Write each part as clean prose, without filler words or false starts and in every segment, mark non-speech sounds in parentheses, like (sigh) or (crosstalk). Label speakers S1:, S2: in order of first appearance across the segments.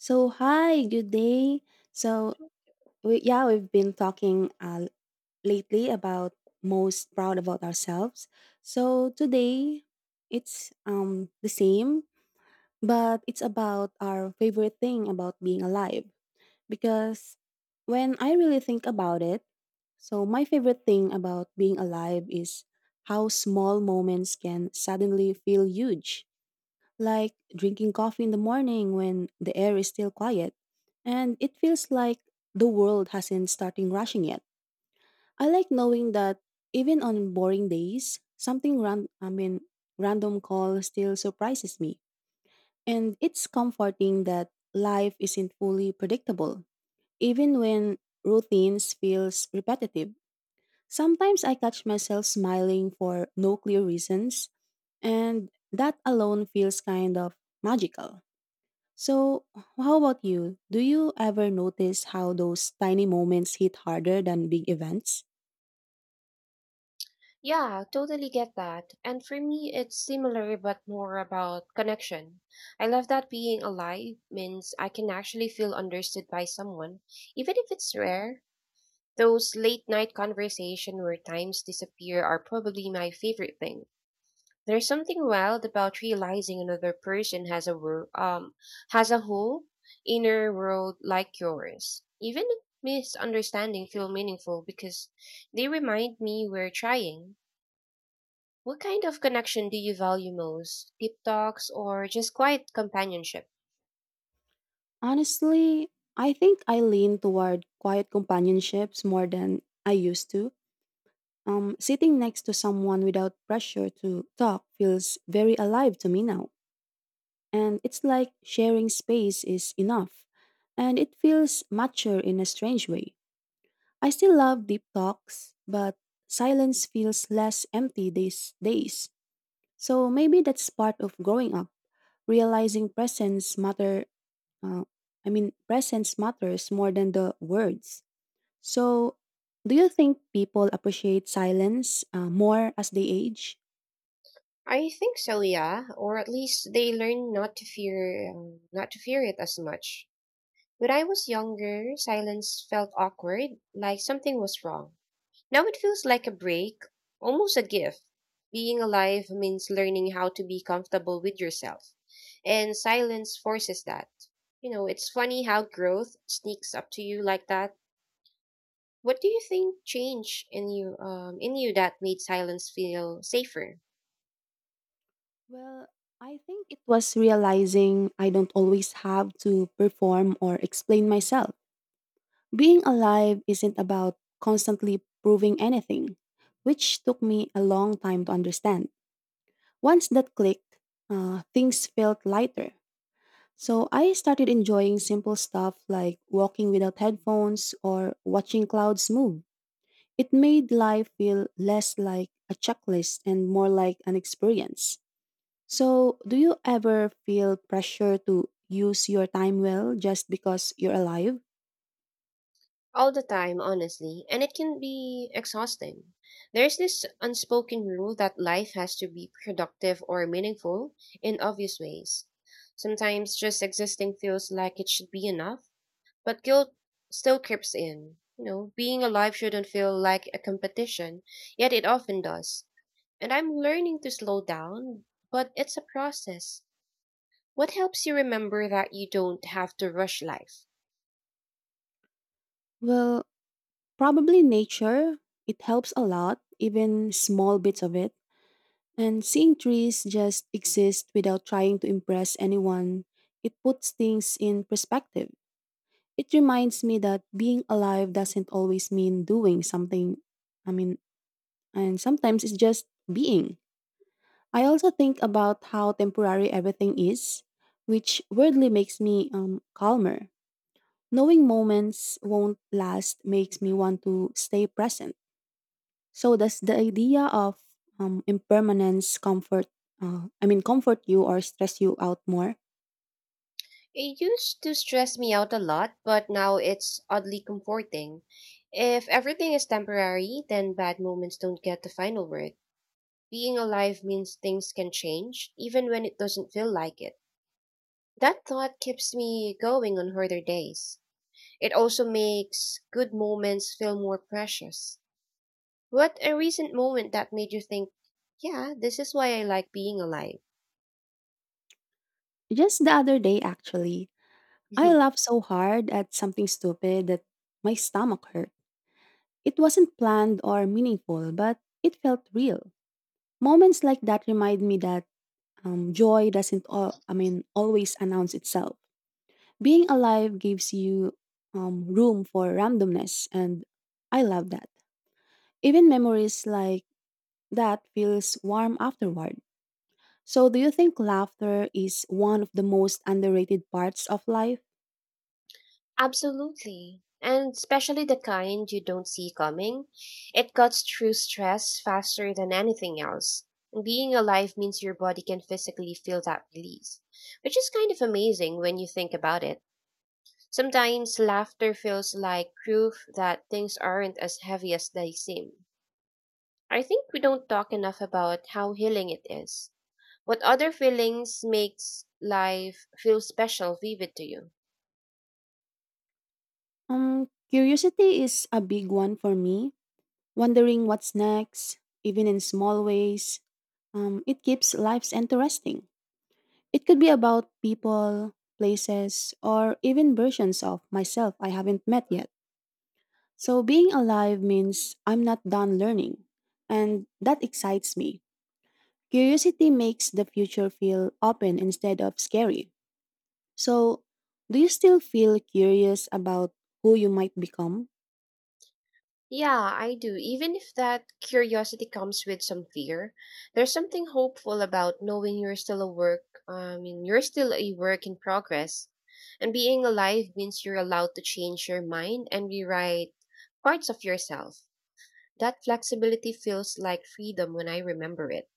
S1: So hi, good day. So we've been talking lately about most proud about ourselves. So today it's the same, but it's about our favorite thing about being alive because when I really think about it, so my favorite thing about being alive is how small moments can suddenly feel huge like drinking coffee in the morning when the air is still quiet, and it feels like the world hasn't started rushing yet. I like knowing that even on boring days, something ran I mean random call still surprises me. And it's comforting that life isn't fully predictable, even when routines feels repetitive. Sometimes I catch myself smiling for no clear reasons, and that alone feels kind of magical. So, how about you? Do you ever notice how those tiny moments hit harder than big events?
S2: Yeah, totally get that. And for me, it's similar but more about connection. I love that being alive means I can actually feel understood by someone, even if it's rare. Those late night conversation where times disappear are probably my favorite thing. There's something wild about realizing another person has a has a whole inner world like yours. Even misunderstanding feel meaningful because they remind me we're trying. What kind of connection do you value most? Deep talks or just quiet companionship?
S1: Honestly, I think I lean toward quiet companionships more than I used to. Sitting next to someone without pressure to talk feels very alive to me now. And it's like sharing space is enough. And it feels mature in a strange way. I still love deep talks, but silence feels less empty these days. So maybe that's part of growing up, realizing presence matter. Uh, Presence matters more than the words. So, do you think people appreciate silence more as they age?
S2: I think so, yeah. Or at least they learn not to fear, not to fear it as much. When I was younger, silence felt awkward, like something was wrong. Now it feels like a break, almost a gift. Being alive means learning how to be comfortable with yourself, and silence forces that. You know, it's funny how growth sneaks up to you like that. What do you think changed in you that made silence feel safer?
S1: Well, I think it was realizing I don't always have to perform or explain myself. Being alive isn't about constantly proving anything, which took me a long time to understand. Once that clicked, things felt lighter. So I started enjoying simple stuff like walking without headphones or watching clouds move. It made life feel less like a checklist and more like an experience. So, do you ever feel pressure to use your time well just because you're alive?
S2: All the time, honestly, and it can be exhausting. There's this unspoken rule that life has to be productive or meaningful in obvious ways. Sometimes just existing feels like it should be enough, but guilt still creeps in. You know, being alive shouldn't feel like a competition, yet it often does. And I'm learning to slow down, but it's a process. What helps you remember that you don't have to rush life?
S1: Well, probably nature. It helps a lot, even small bits of it. And seeing trees just exist without trying to impress anyone, it puts things in perspective. It reminds me that being alive doesn't always mean doing something. I mean, and sometimes it's just being. I also think about how temporary everything is, which weirdly makes me calmer. Knowing moments won't last makes me want to stay present. So does the idea of impermanence comfort? Comfort you or stress you out more?
S2: It used to stress me out a lot, but now it's oddly comforting. If everything is temporary, then bad moments don't get the final word. Being alive means things can change, even when it doesn't feel like it. That thought keeps me going on harder days. It also makes good moments feel more precious. What a recent moment that made you think, yeah, this is why I like being alive.
S1: Just the other day, actually, I
S2: (laughs)
S1: laughed so hard at something stupid that my stomach hurt. It wasn't planned or meaningful, but it felt real. Moments like that remind me that joy doesn't, al- I mean, always announce itself. Being alive gives you room for randomness, and I love that. Even memories like that feels warm afterward. So, do you think laughter is one of the most underrated parts of life?
S2: Absolutely. And especially the kind you don't see coming. It cuts through stress faster than anything else. Being alive means your body can physically feel that release, which is kind of amazing when you think about it. Sometimes laughter feels like proof that things aren't as heavy as they seem. I think we don't talk enough about how healing it is. What other feelings makes life feel special vivid to you?
S1: Curiosity is a big one for me wondering what's next, even in small ways. It keeps lives interesting. It could be about people, places, or even versions of myself I haven't met yet. So being alive means I'm not done learning, and that excites me. Curiosity makes the future feel open instead of scary. So, do you still feel curious about who you might become?
S2: Yeah, I do. Even if that curiosity comes with some fear, there's something hopeful about knowing you're still a work in progress. And being alive means you're allowed to change your mind and rewrite parts of yourself. That flexibility feels like freedom when I remember it.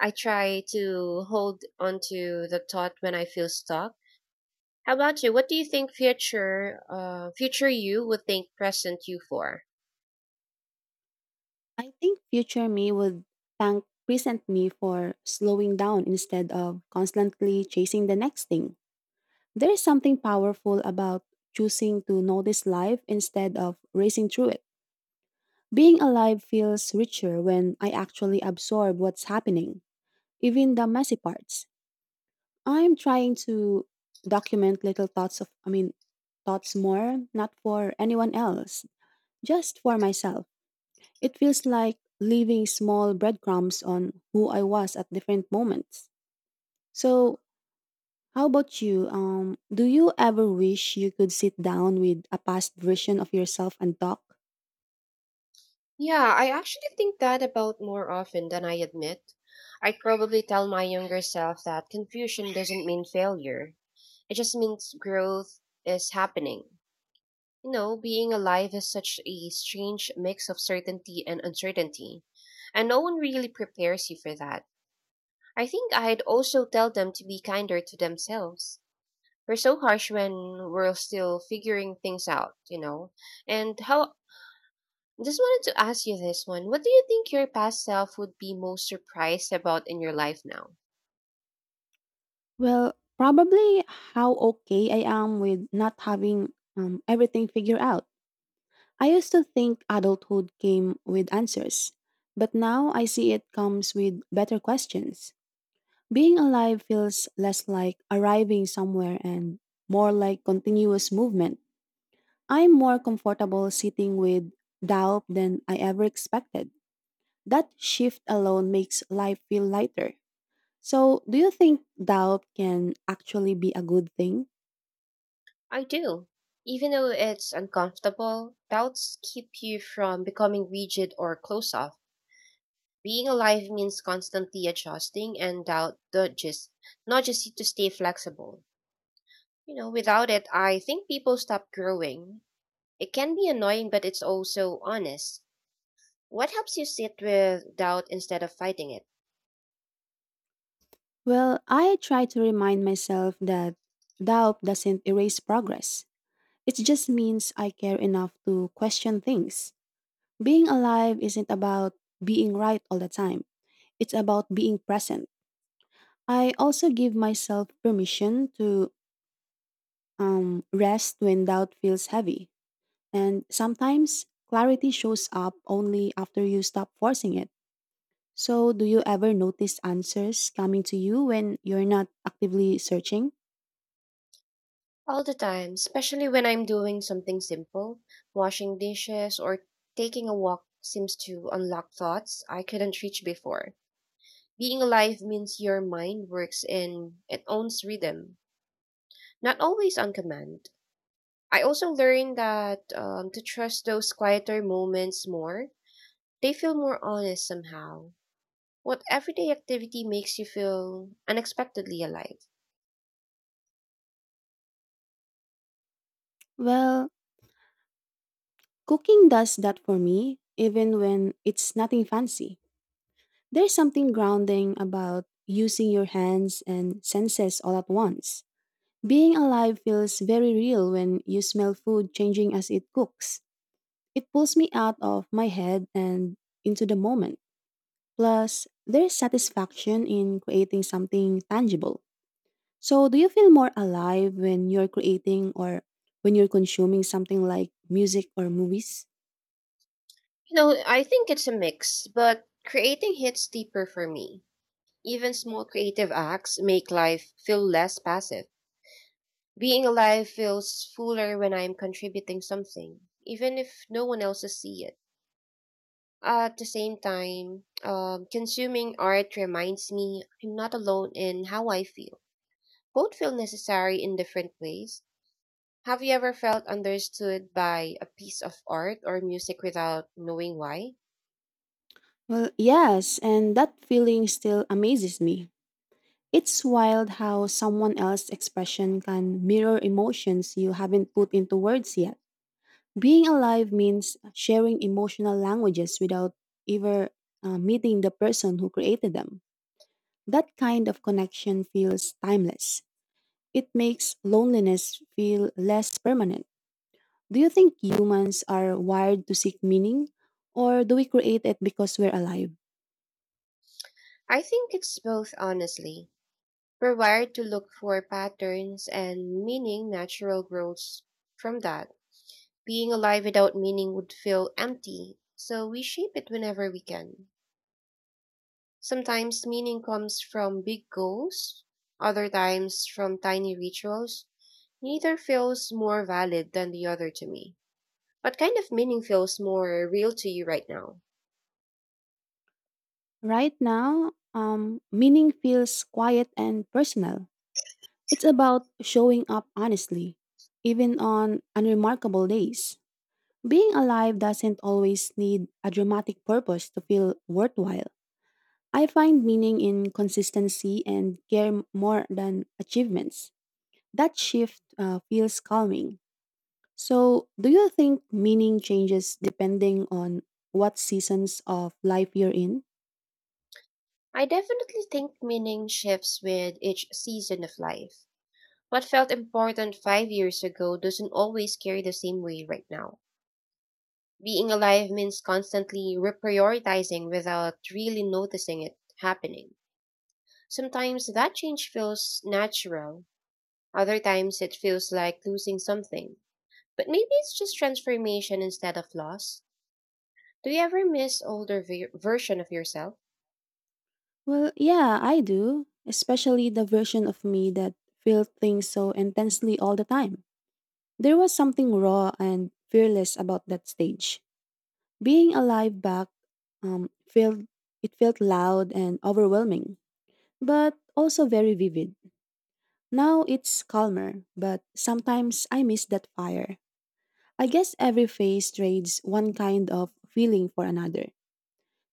S2: I try to hold onto the thought when I feel stuck. How about you? What do you think future you would thank present you for?
S1: I think future me would thank present me for slowing down instead of constantly chasing the next thing. There is something powerful about choosing to notice life instead of racing through it. Being alive feels richer when I actually absorb what's happening, even the messy parts. I'm trying to document little thoughts of, I mean, thoughts more, not for anyone else, just for myself. It feels like leaving small breadcrumbs on who I was at different moments. So, how about you? Do you ever wish you could sit down with a past version of yourself and talk?
S2: Yeah, I actually think that about more often than I admit. I probably tell my younger self that confusion doesn't mean failure, it just means growth is happening. You know, being alive is such a strange mix of certainty and uncertainty, and no one really prepares you for that. I think I'd also tell them to be kinder to themselves. We're so harsh when we're still figuring things out, you know? And how just wanted to ask you this one. What do you think your past self would be most surprised about in your life now?
S1: Well, probably how okay I am with not having everything figured out. I used to think adulthood came with answers, but now I see it comes with better questions. Being alive feels less like arriving somewhere and more like continuous movement. I'm more comfortable sitting with doubt than I ever expected. That shift alone makes life feel lighter. So, do you think doubt can actually be a good thing?
S2: I do. Even though it's uncomfortable, doubts keep you from becoming rigid or close off. Being alive means constantly adjusting and doubt not just to stay flexible. You know, without it, I think people stop growing. It can be annoying, but it's also honest. What helps you sit with doubt instead of fighting it?
S1: Well, I try to remind myself that doubt doesn't erase progress. It just means I care enough to question things. Being alive isn't about being right all the time. It's about being present. I also give myself permission to rest when doubt feels heavy. And sometimes clarity shows up only after you stop forcing it. So, do you ever notice answers coming to you when you're not actively searching?
S2: All the time, especially when I'm doing something simple. Washing dishes or taking a walk seems to unlock thoughts I couldn't reach before. Being alive means your mind works in and owns rhythm, not always on command. I also learned that to trust those quieter moments more. They feel more honest somehow. What everyday activity makes you feel unexpectedly alive?
S1: Well, cooking does that for me, even when it's nothing fancy. There's something grounding about using your hands and senses all at once. Being alive feels very real when you smell food changing as it cooks. It pulls me out of my head and into the moment. Plus, there is satisfaction in creating something tangible. So, do you feel more alive when you're creating or when you're consuming something like music or movies?
S2: You know, I think it's a mix, but creating hits deeper for me. Even small creative acts make life feel less passive. Being alive feels fuller when I'm contributing something, even if no one else sees it. At the same time, consuming art reminds me I'm not alone in how I feel. Both feel necessary in different ways. Have you ever felt understood by a piece of art or music without knowing why?
S1: Well, yes, and that feeling still amazes me. It's wild how someone else's expression can mirror emotions you haven't put into words yet. Being alive means sharing emotional languages without ever meeting the person who created them. That kind of connection feels timeless. It makes loneliness feel less permanent. Do you think humans are wired to seek meaning, or do we create it because we're alive?
S2: I think it's both, honestly. We're wired to look for patterns and meaning natural growths from that. Being alive without meaning would feel empty, so we shape it whenever we can. Sometimes meaning comes from big goals, other times from tiny rituals. Neither feels more valid than the other to me. What kind of meaning feels more real to you right now?
S1: Right now, meaning feels quiet and personal. It's about showing up honestly, even on unremarkable days. Being alive doesn't always need a dramatic purpose to feel worthwhile. I find meaning in consistency and more than achievements. That shift feels calming. So, do you think meaning changes depending on what seasons of life you're in?
S2: I definitely think meaning shifts with each season of life. What felt important 5 years ago doesn't always carry the same weight right now. Being alive means constantly reprioritizing without really noticing it happening. Sometimes that change feels natural, other times it feels like losing something. But maybe it's just transformation instead of loss. Do you ever miss older version of yourself?
S1: Well, yeah, I do, especially the version of me that felt things so intensely all the time. There was something raw and fearless about that stage. Being alive back felt it felt loud and overwhelming, but also very vivid. Now it's calmer, but sometimes I miss that fire. I guess every phase trades one kind of feeling for another.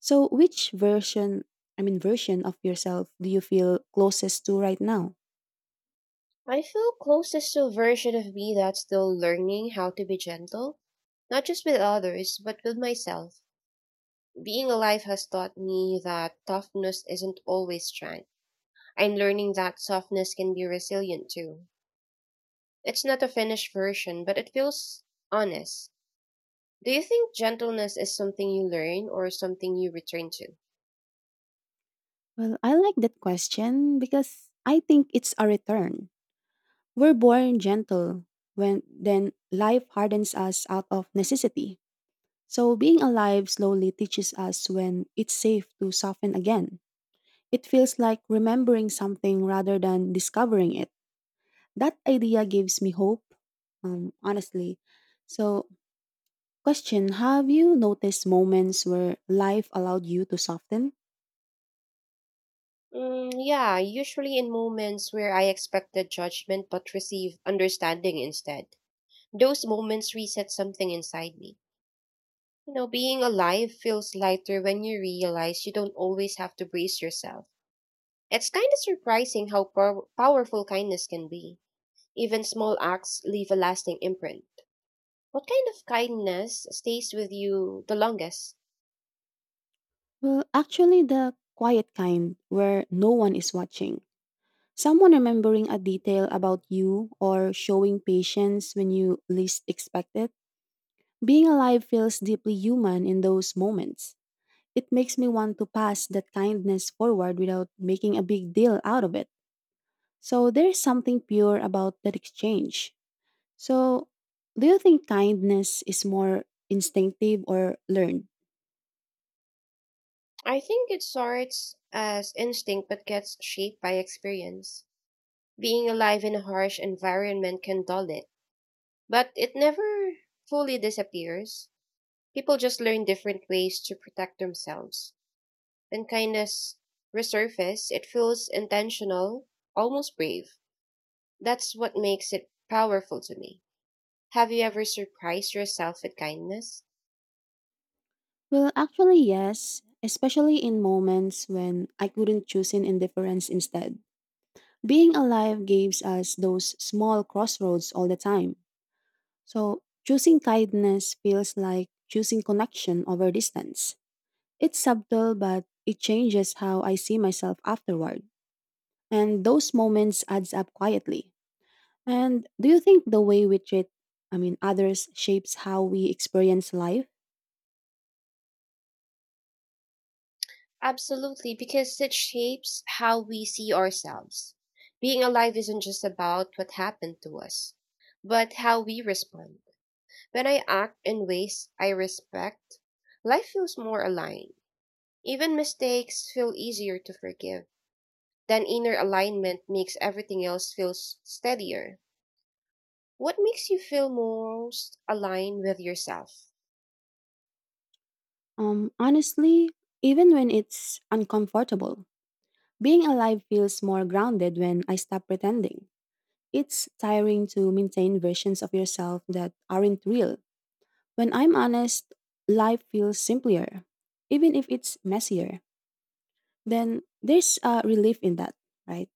S1: So which version I mean version of yourself do you feel closest to right now?
S2: I feel closest to a version of me that's still learning how to be gentle, not just with others, but with myself. Being alive has taught me that toughness isn't always strength. I'm learning that softness can be resilient too. It's not a finished version, but it feels honest. Do you think gentleness is something you learn or something you return to?
S1: Well, I like that question because I think it's a return. We're born gentle when then life hardens us out of necessity. So being alive slowly teaches us when it's safe to soften again. It feels like remembering something rather than discovering it. That idea gives me hope, honestly. So, question. Have you noticed moments where life allowed you to soften?
S2: Mm, yeah, usually in moments where I expected judgment but receive understanding instead. Those moments reset something inside me. You know, being alive feels lighter when you realize you don't always have to brace yourself. It's kind of surprising how powerful kindness can be. Even small acts leave a lasting imprint. What kind of kindness stays with you the longest?
S1: Well, actually, the quiet kind where no one is watching. Someone remembering a detail about you or showing patience when you least expect it. Being alive feels deeply human in those moments. It makes me want to pass that kindness forward without making a big deal out of it. So there's something pure about that exchange. So, do you think kindness is more instinctive or learned?
S2: I think it starts as instinct but gets shaped by experience. Being alive in a harsh environment can dull it, but it never fully disappears. People just learn different ways to protect themselves. When kindness resurfaces, it feels intentional, almost brave. That's what makes it powerful to me. Have you ever surprised yourself with kindness?
S1: Well, actually, yes, especially in moments when I couldn't choose an indifference instead. Being alive gives us those small crossroads all the time. So, choosing kindness feels like choosing connection over distance. It's subtle, but it changes how I see myself afterward. And those moments adds up quietly. And do you think the way we treat, I mean, others shapes how we experience life?
S2: Absolutely, because it shapes how we see ourselves. Being alive isn't just about what happened to us, but how we respond. When I act in ways I respect, life feels more aligned. Even mistakes feel easier to forgive. Then inner alignment makes everything else feel steadier. What makes you feel most aligned with yourself?
S1: Honestly, even when it's uncomfortable, being alive feels more grounded when I stop pretending. It's tiring to maintain versions of yourself that aren't real. When I'm honest, life feels simpler, even if it's messier. Then there's a relief in that, right?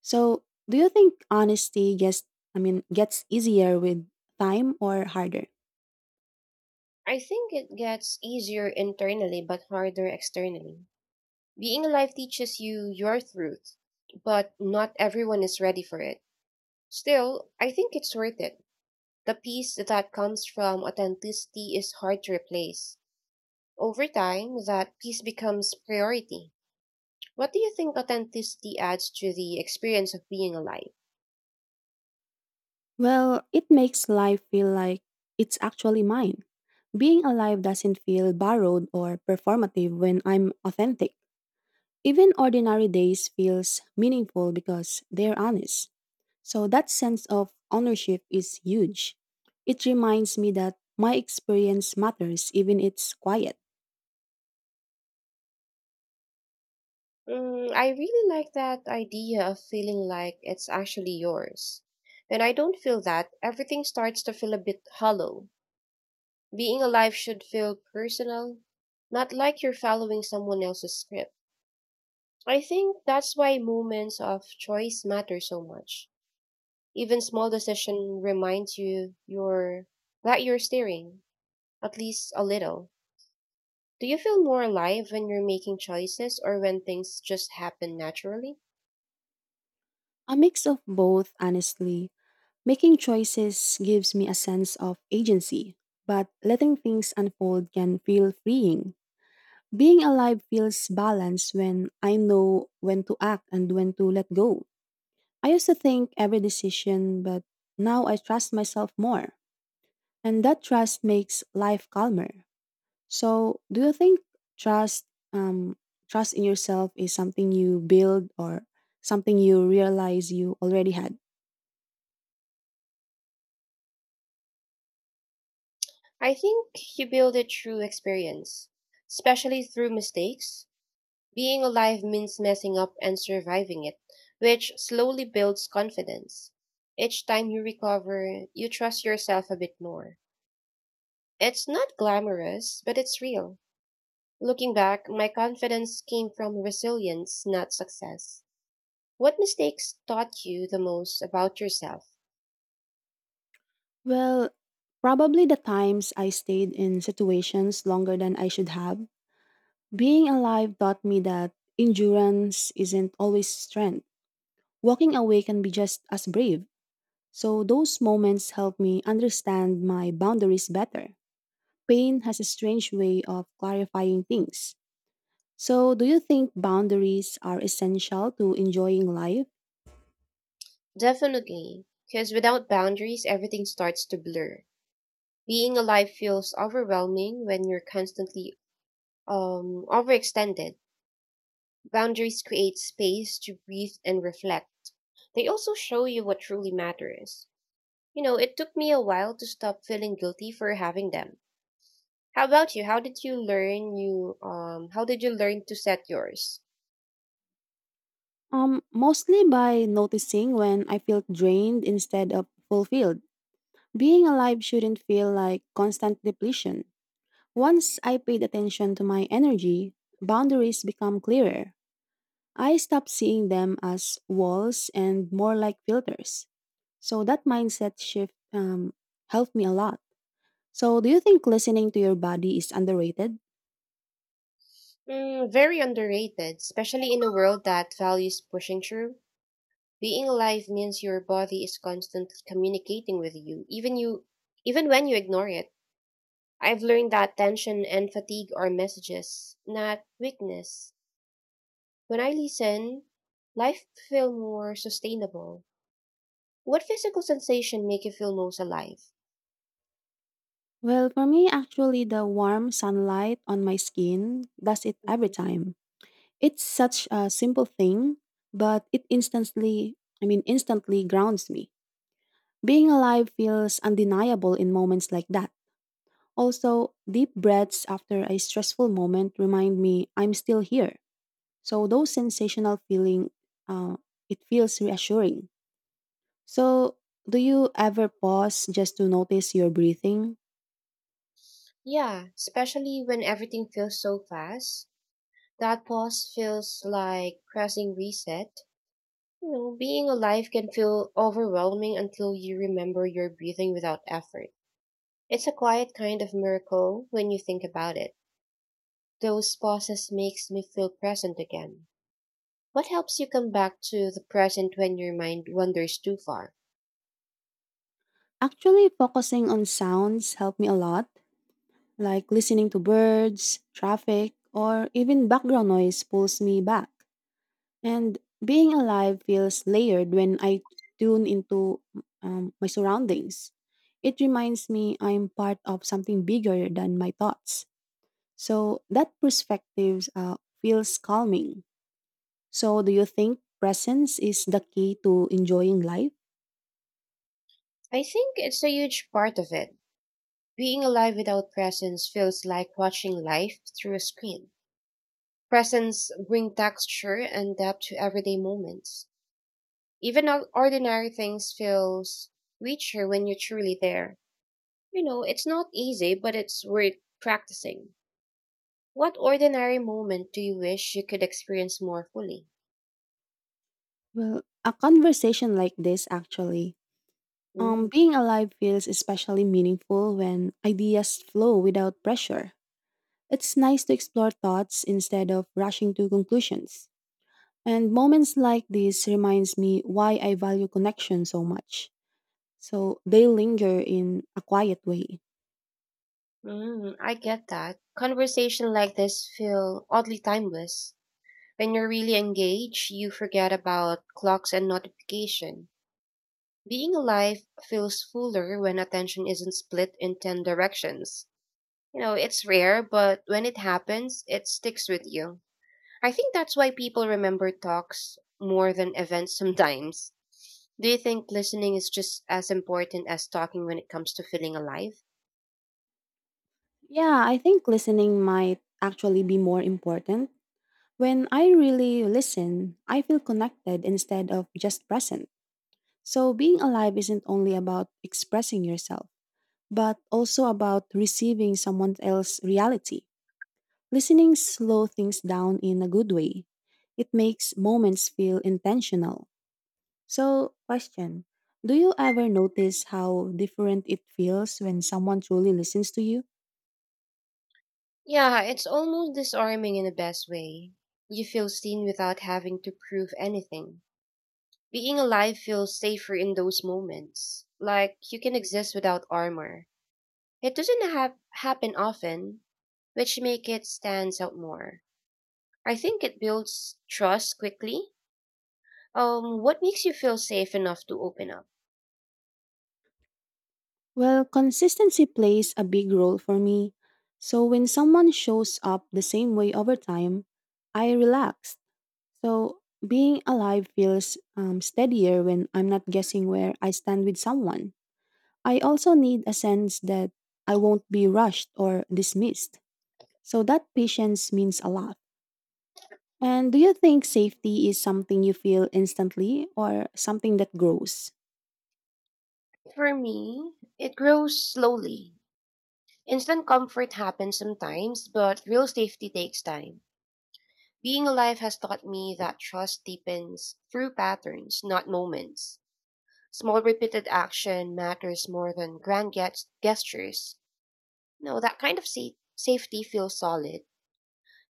S1: So, do you think honesty gets, I mean, gets easier with time or harder?
S2: I think it gets easier internally but harder externally. Being alive teaches you your truth, but not everyone is ready for it. Still, I think it's worth it. The peace that comes from authenticity is hard to replace. Over time, that piece becomes priority. What do you think authenticity adds to the experience of being alive?
S1: Well, it makes life feel like it's actually mine. Being alive doesn't feel borrowed or performative when I'm authentic. Even ordinary days feels meaningful because they're honest. So that sense of ownership is huge. It reminds me that my experience matters even it's quiet.
S2: Mm, I really like that idea of feeling like it's actually yours. When I don't feel that, everything starts to feel a bit hollow. Being alive should feel personal, not like you're following someone else's script. I think that's why moments of choice matter so much. Even small decision reminds you you're that you're steering, at least a little. Do you feel more alive when you're making choices or when things just happen naturally?
S1: A mix of both, honestly. Making choices gives me a sense of agency, but letting things unfold can feel freeing. Being alive feels balanced when I know when to act and when to let go. I used to think every decision, but now I trust myself more. And that trust makes life calmer. So, do you think trust, um, trust in yourself is something you build or something you realize you already had?
S2: I think you build it through experience, especially through mistakes. Being alive means messing up and surviving it, which slowly builds confidence. Each time you recover, you trust yourself a bit more. It's not glamorous, but it's real. Looking back, my confidence came from resilience, not success. What mistakes taught you the most about yourself?
S1: Well, probably the times I stayed in situations longer than I should have. Being alive taught me that endurance isn't always strength. Walking away can be just as brave. So, those moments help me understand my boundaries better. Pain has a strange way of clarifying things. So, do you think boundaries are essential to enjoying life?
S2: Definitely, because without boundaries, everything starts to blur. Being alive feels overwhelming when you're constantly overextended. Boundaries create space to breathe and reflect. They also show you what truly matters. You know, it took me a while to stop feeling guilty for having them. How about you? How did you learn you how did you learn to set yours?
S1: Mostly by noticing when I feel drained instead of fulfilled. Being alive shouldn't feel like constant depletion. Once I paid attention to my energy, boundaries become clearer. I stopped seeing them as walls and more like filters. So that mindset shift helped me a lot. So, do you think listening to your body is underrated?
S2: Mm, very underrated, especially in a world that values pushing through. Being alive means your body is constantly communicating with you, even when you ignore it. I've learned that tension and fatigue are messages, not weakness. When I listen, life feel more sustainable. What physical sensation make you feel most alive?
S1: Well, for me, actually, the warm sunlight on my skin does it every
S2: Mhm.
S1: time. It's such a simple thing, but it instantly, I mean, instantly grounds me. Being alive feels undeniable in moments like that. Also, deep breaths after a stressful moment remind me I'm still here. So, those sensational feeling, uh, it feels reassuring. So, do you ever pause just to notice your breathing?
S2: Yeah, especially when everything feels so fast. That pause feels like pressing reset. You know, being alive can feel overwhelming until you remember you're breathing without effort. It's a quiet kind of miracle when you think about it. Those pauses makes me feel present again. What helps you come back to the present when your mind wanders too far?
S1: Actually, focusing on sounds help me a lot. Like listening to birds, traffic, or even background noise pulls me back. And being alive feels layered when I tune into my surroundings. It reminds me I'm part of something bigger than my thoughts. So that perspective feels calming. So, do you think presence is the key to enjoying life?
S2: I think it's a huge part of it. Being alive without presence feels like watching life through a screen. Presence bring texture and depth to everyday moments. Even ordinary things feels richer when you're truly there. You know, it's not easy, but it's worth practicing. What ordinary moment do you wish you could experience more fully?
S1: Well, a conversation like this actually.
S2: Mm,
S1: Being alive feels especially meaningful when ideas flow without pressure. It's nice to explore thoughts instead of rushing to conclusions. And moments like this reminds me why I value connection so much. So they linger in a quiet way.
S2: mm, I get that. Conversation like this feel oddly timeless. When you're really engaged, you forget about clocks and notification. Being alive feels fuller when attention isn't split in 10 directions. You know, it's rare, but when it happens, it sticks with you. I think that's why people remember talks more than events sometimes. Do you think listening is just as important as talking when it comes to feeling alive?
S1: Yeah, I think listening might actually be more important. When I really listen, I feel connected instead of just present. So being alive isn't only about expressing yourself, but also about receiving someone else's reality. Listening slow things down in a good way. It makes moments feel intentional. So, question, do you ever notice how different it feels when someone truly listens to you?
S2: Yeah, it's almost disarming in the best way. You feel seen without having to prove anything. Being alive feels safer in those moments. Like you can exist without armor. It doesn't have happen often, which make it stands out more. I think it builds trust quickly. What makes you feel safe enough to open up?
S1: Well, consistency plays a big role for me. So, when someone shows up the same way over time, I relax. So, being alive feels steadier when I'm not guessing where I stand with someone. I also need a sense that I won't be rushed or dismissed. So that patience means a lot. And do you think safety is something you feel instantly or something that grows?
S2: For me, it grows slowly. Instant comfort happens sometimes, but real safety takes time. Being alive has taught me that trust deepens through patterns, not moments. Small repeated action matters more than grand gestures. No, that kind of safety feels solid.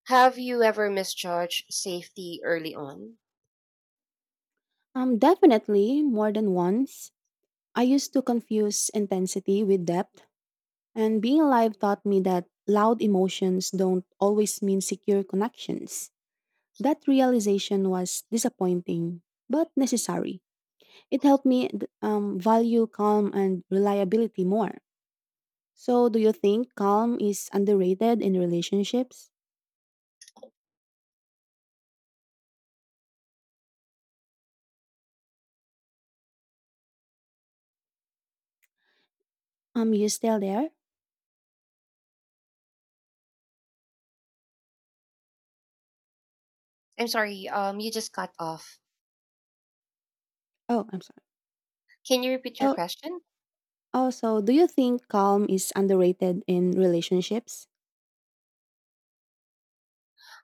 S2: Have you ever misjudged safety early on?
S1: Definitely more than once. I used to confuse intensity with depth, and being alive taught me that loud emotions don't always mean secure connections. That realization was disappointing, but necessary. It helped me value calm and reliability more. So, do you think calm is underrated in relationships? You still there?
S2: I'm sorry, you just cut off.
S1: Oh, I'm sorry.
S2: Can you repeat your
S1: So,
S2: question?
S1: oh, so do you think calm is underrated in relationships?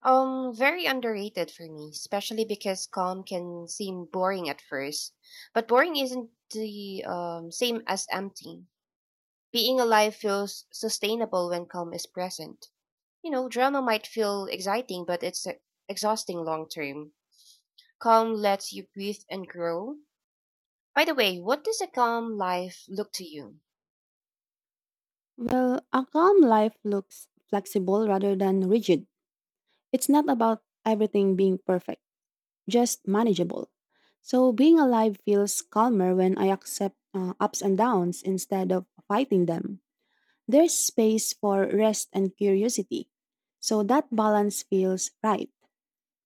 S2: Very underrated for me, especially because calm can seem boring at first. But boring isn't the same as empty. Being alive feels sustainable when calm is present. You know, drama might feel exciting, but it's exhausting long term. Calm lets you breathe and grow. By the way, what does a calm life look to you?
S1: Well, a calm life looks flexible rather than rigid. It's not about everything being perfect, just manageable. So, being alive feels calmer when I accept ups and downs instead of fighting them. There's space for rest and curiosity. So, that balance feels right.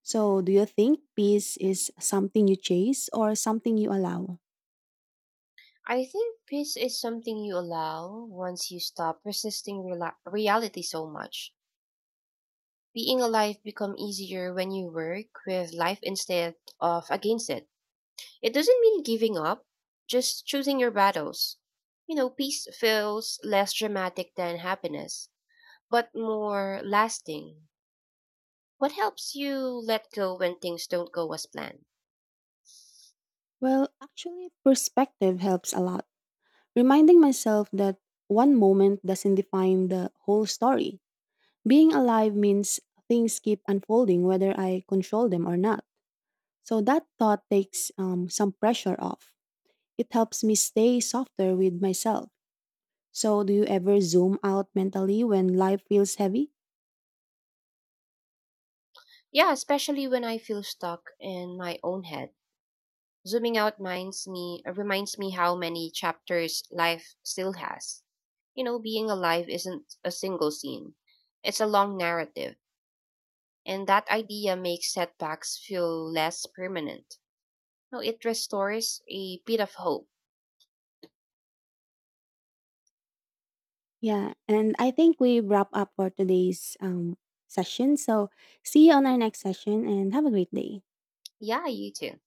S1: So, do you think peace is something you chase or something you allow?
S2: I think peace is something you allow once you stop resisting rela reality so much. Being alive become easier when you work with life instead of against it. It doesn't mean giving up, just choosing your battles. You know, peace feels less dramatic than happiness, but more lasting. What helps you let go when things don't go as planned?
S1: Well, actually, perspective helps a lot. Reminding myself that one moment doesn't define the whole story. Being alive means things keep unfolding whether I control them or not. So, that thought takes some pressure off. It helps me stay softer with myself. So, do you ever zoom out mentally when life feels heavy?
S2: Yeah, especially when I feel stuck in my own head. Zooming out minds me reminds me how many chapters life still has. You know, being alive isn't a single scene. It's a long narrative, and that idea makes setbacks feel less permanent. No, it restores a bit of hope.
S1: Yeah, and I think we wrap up for today's session. So see you on our next session and have a great day.
S2: Yeah, you too.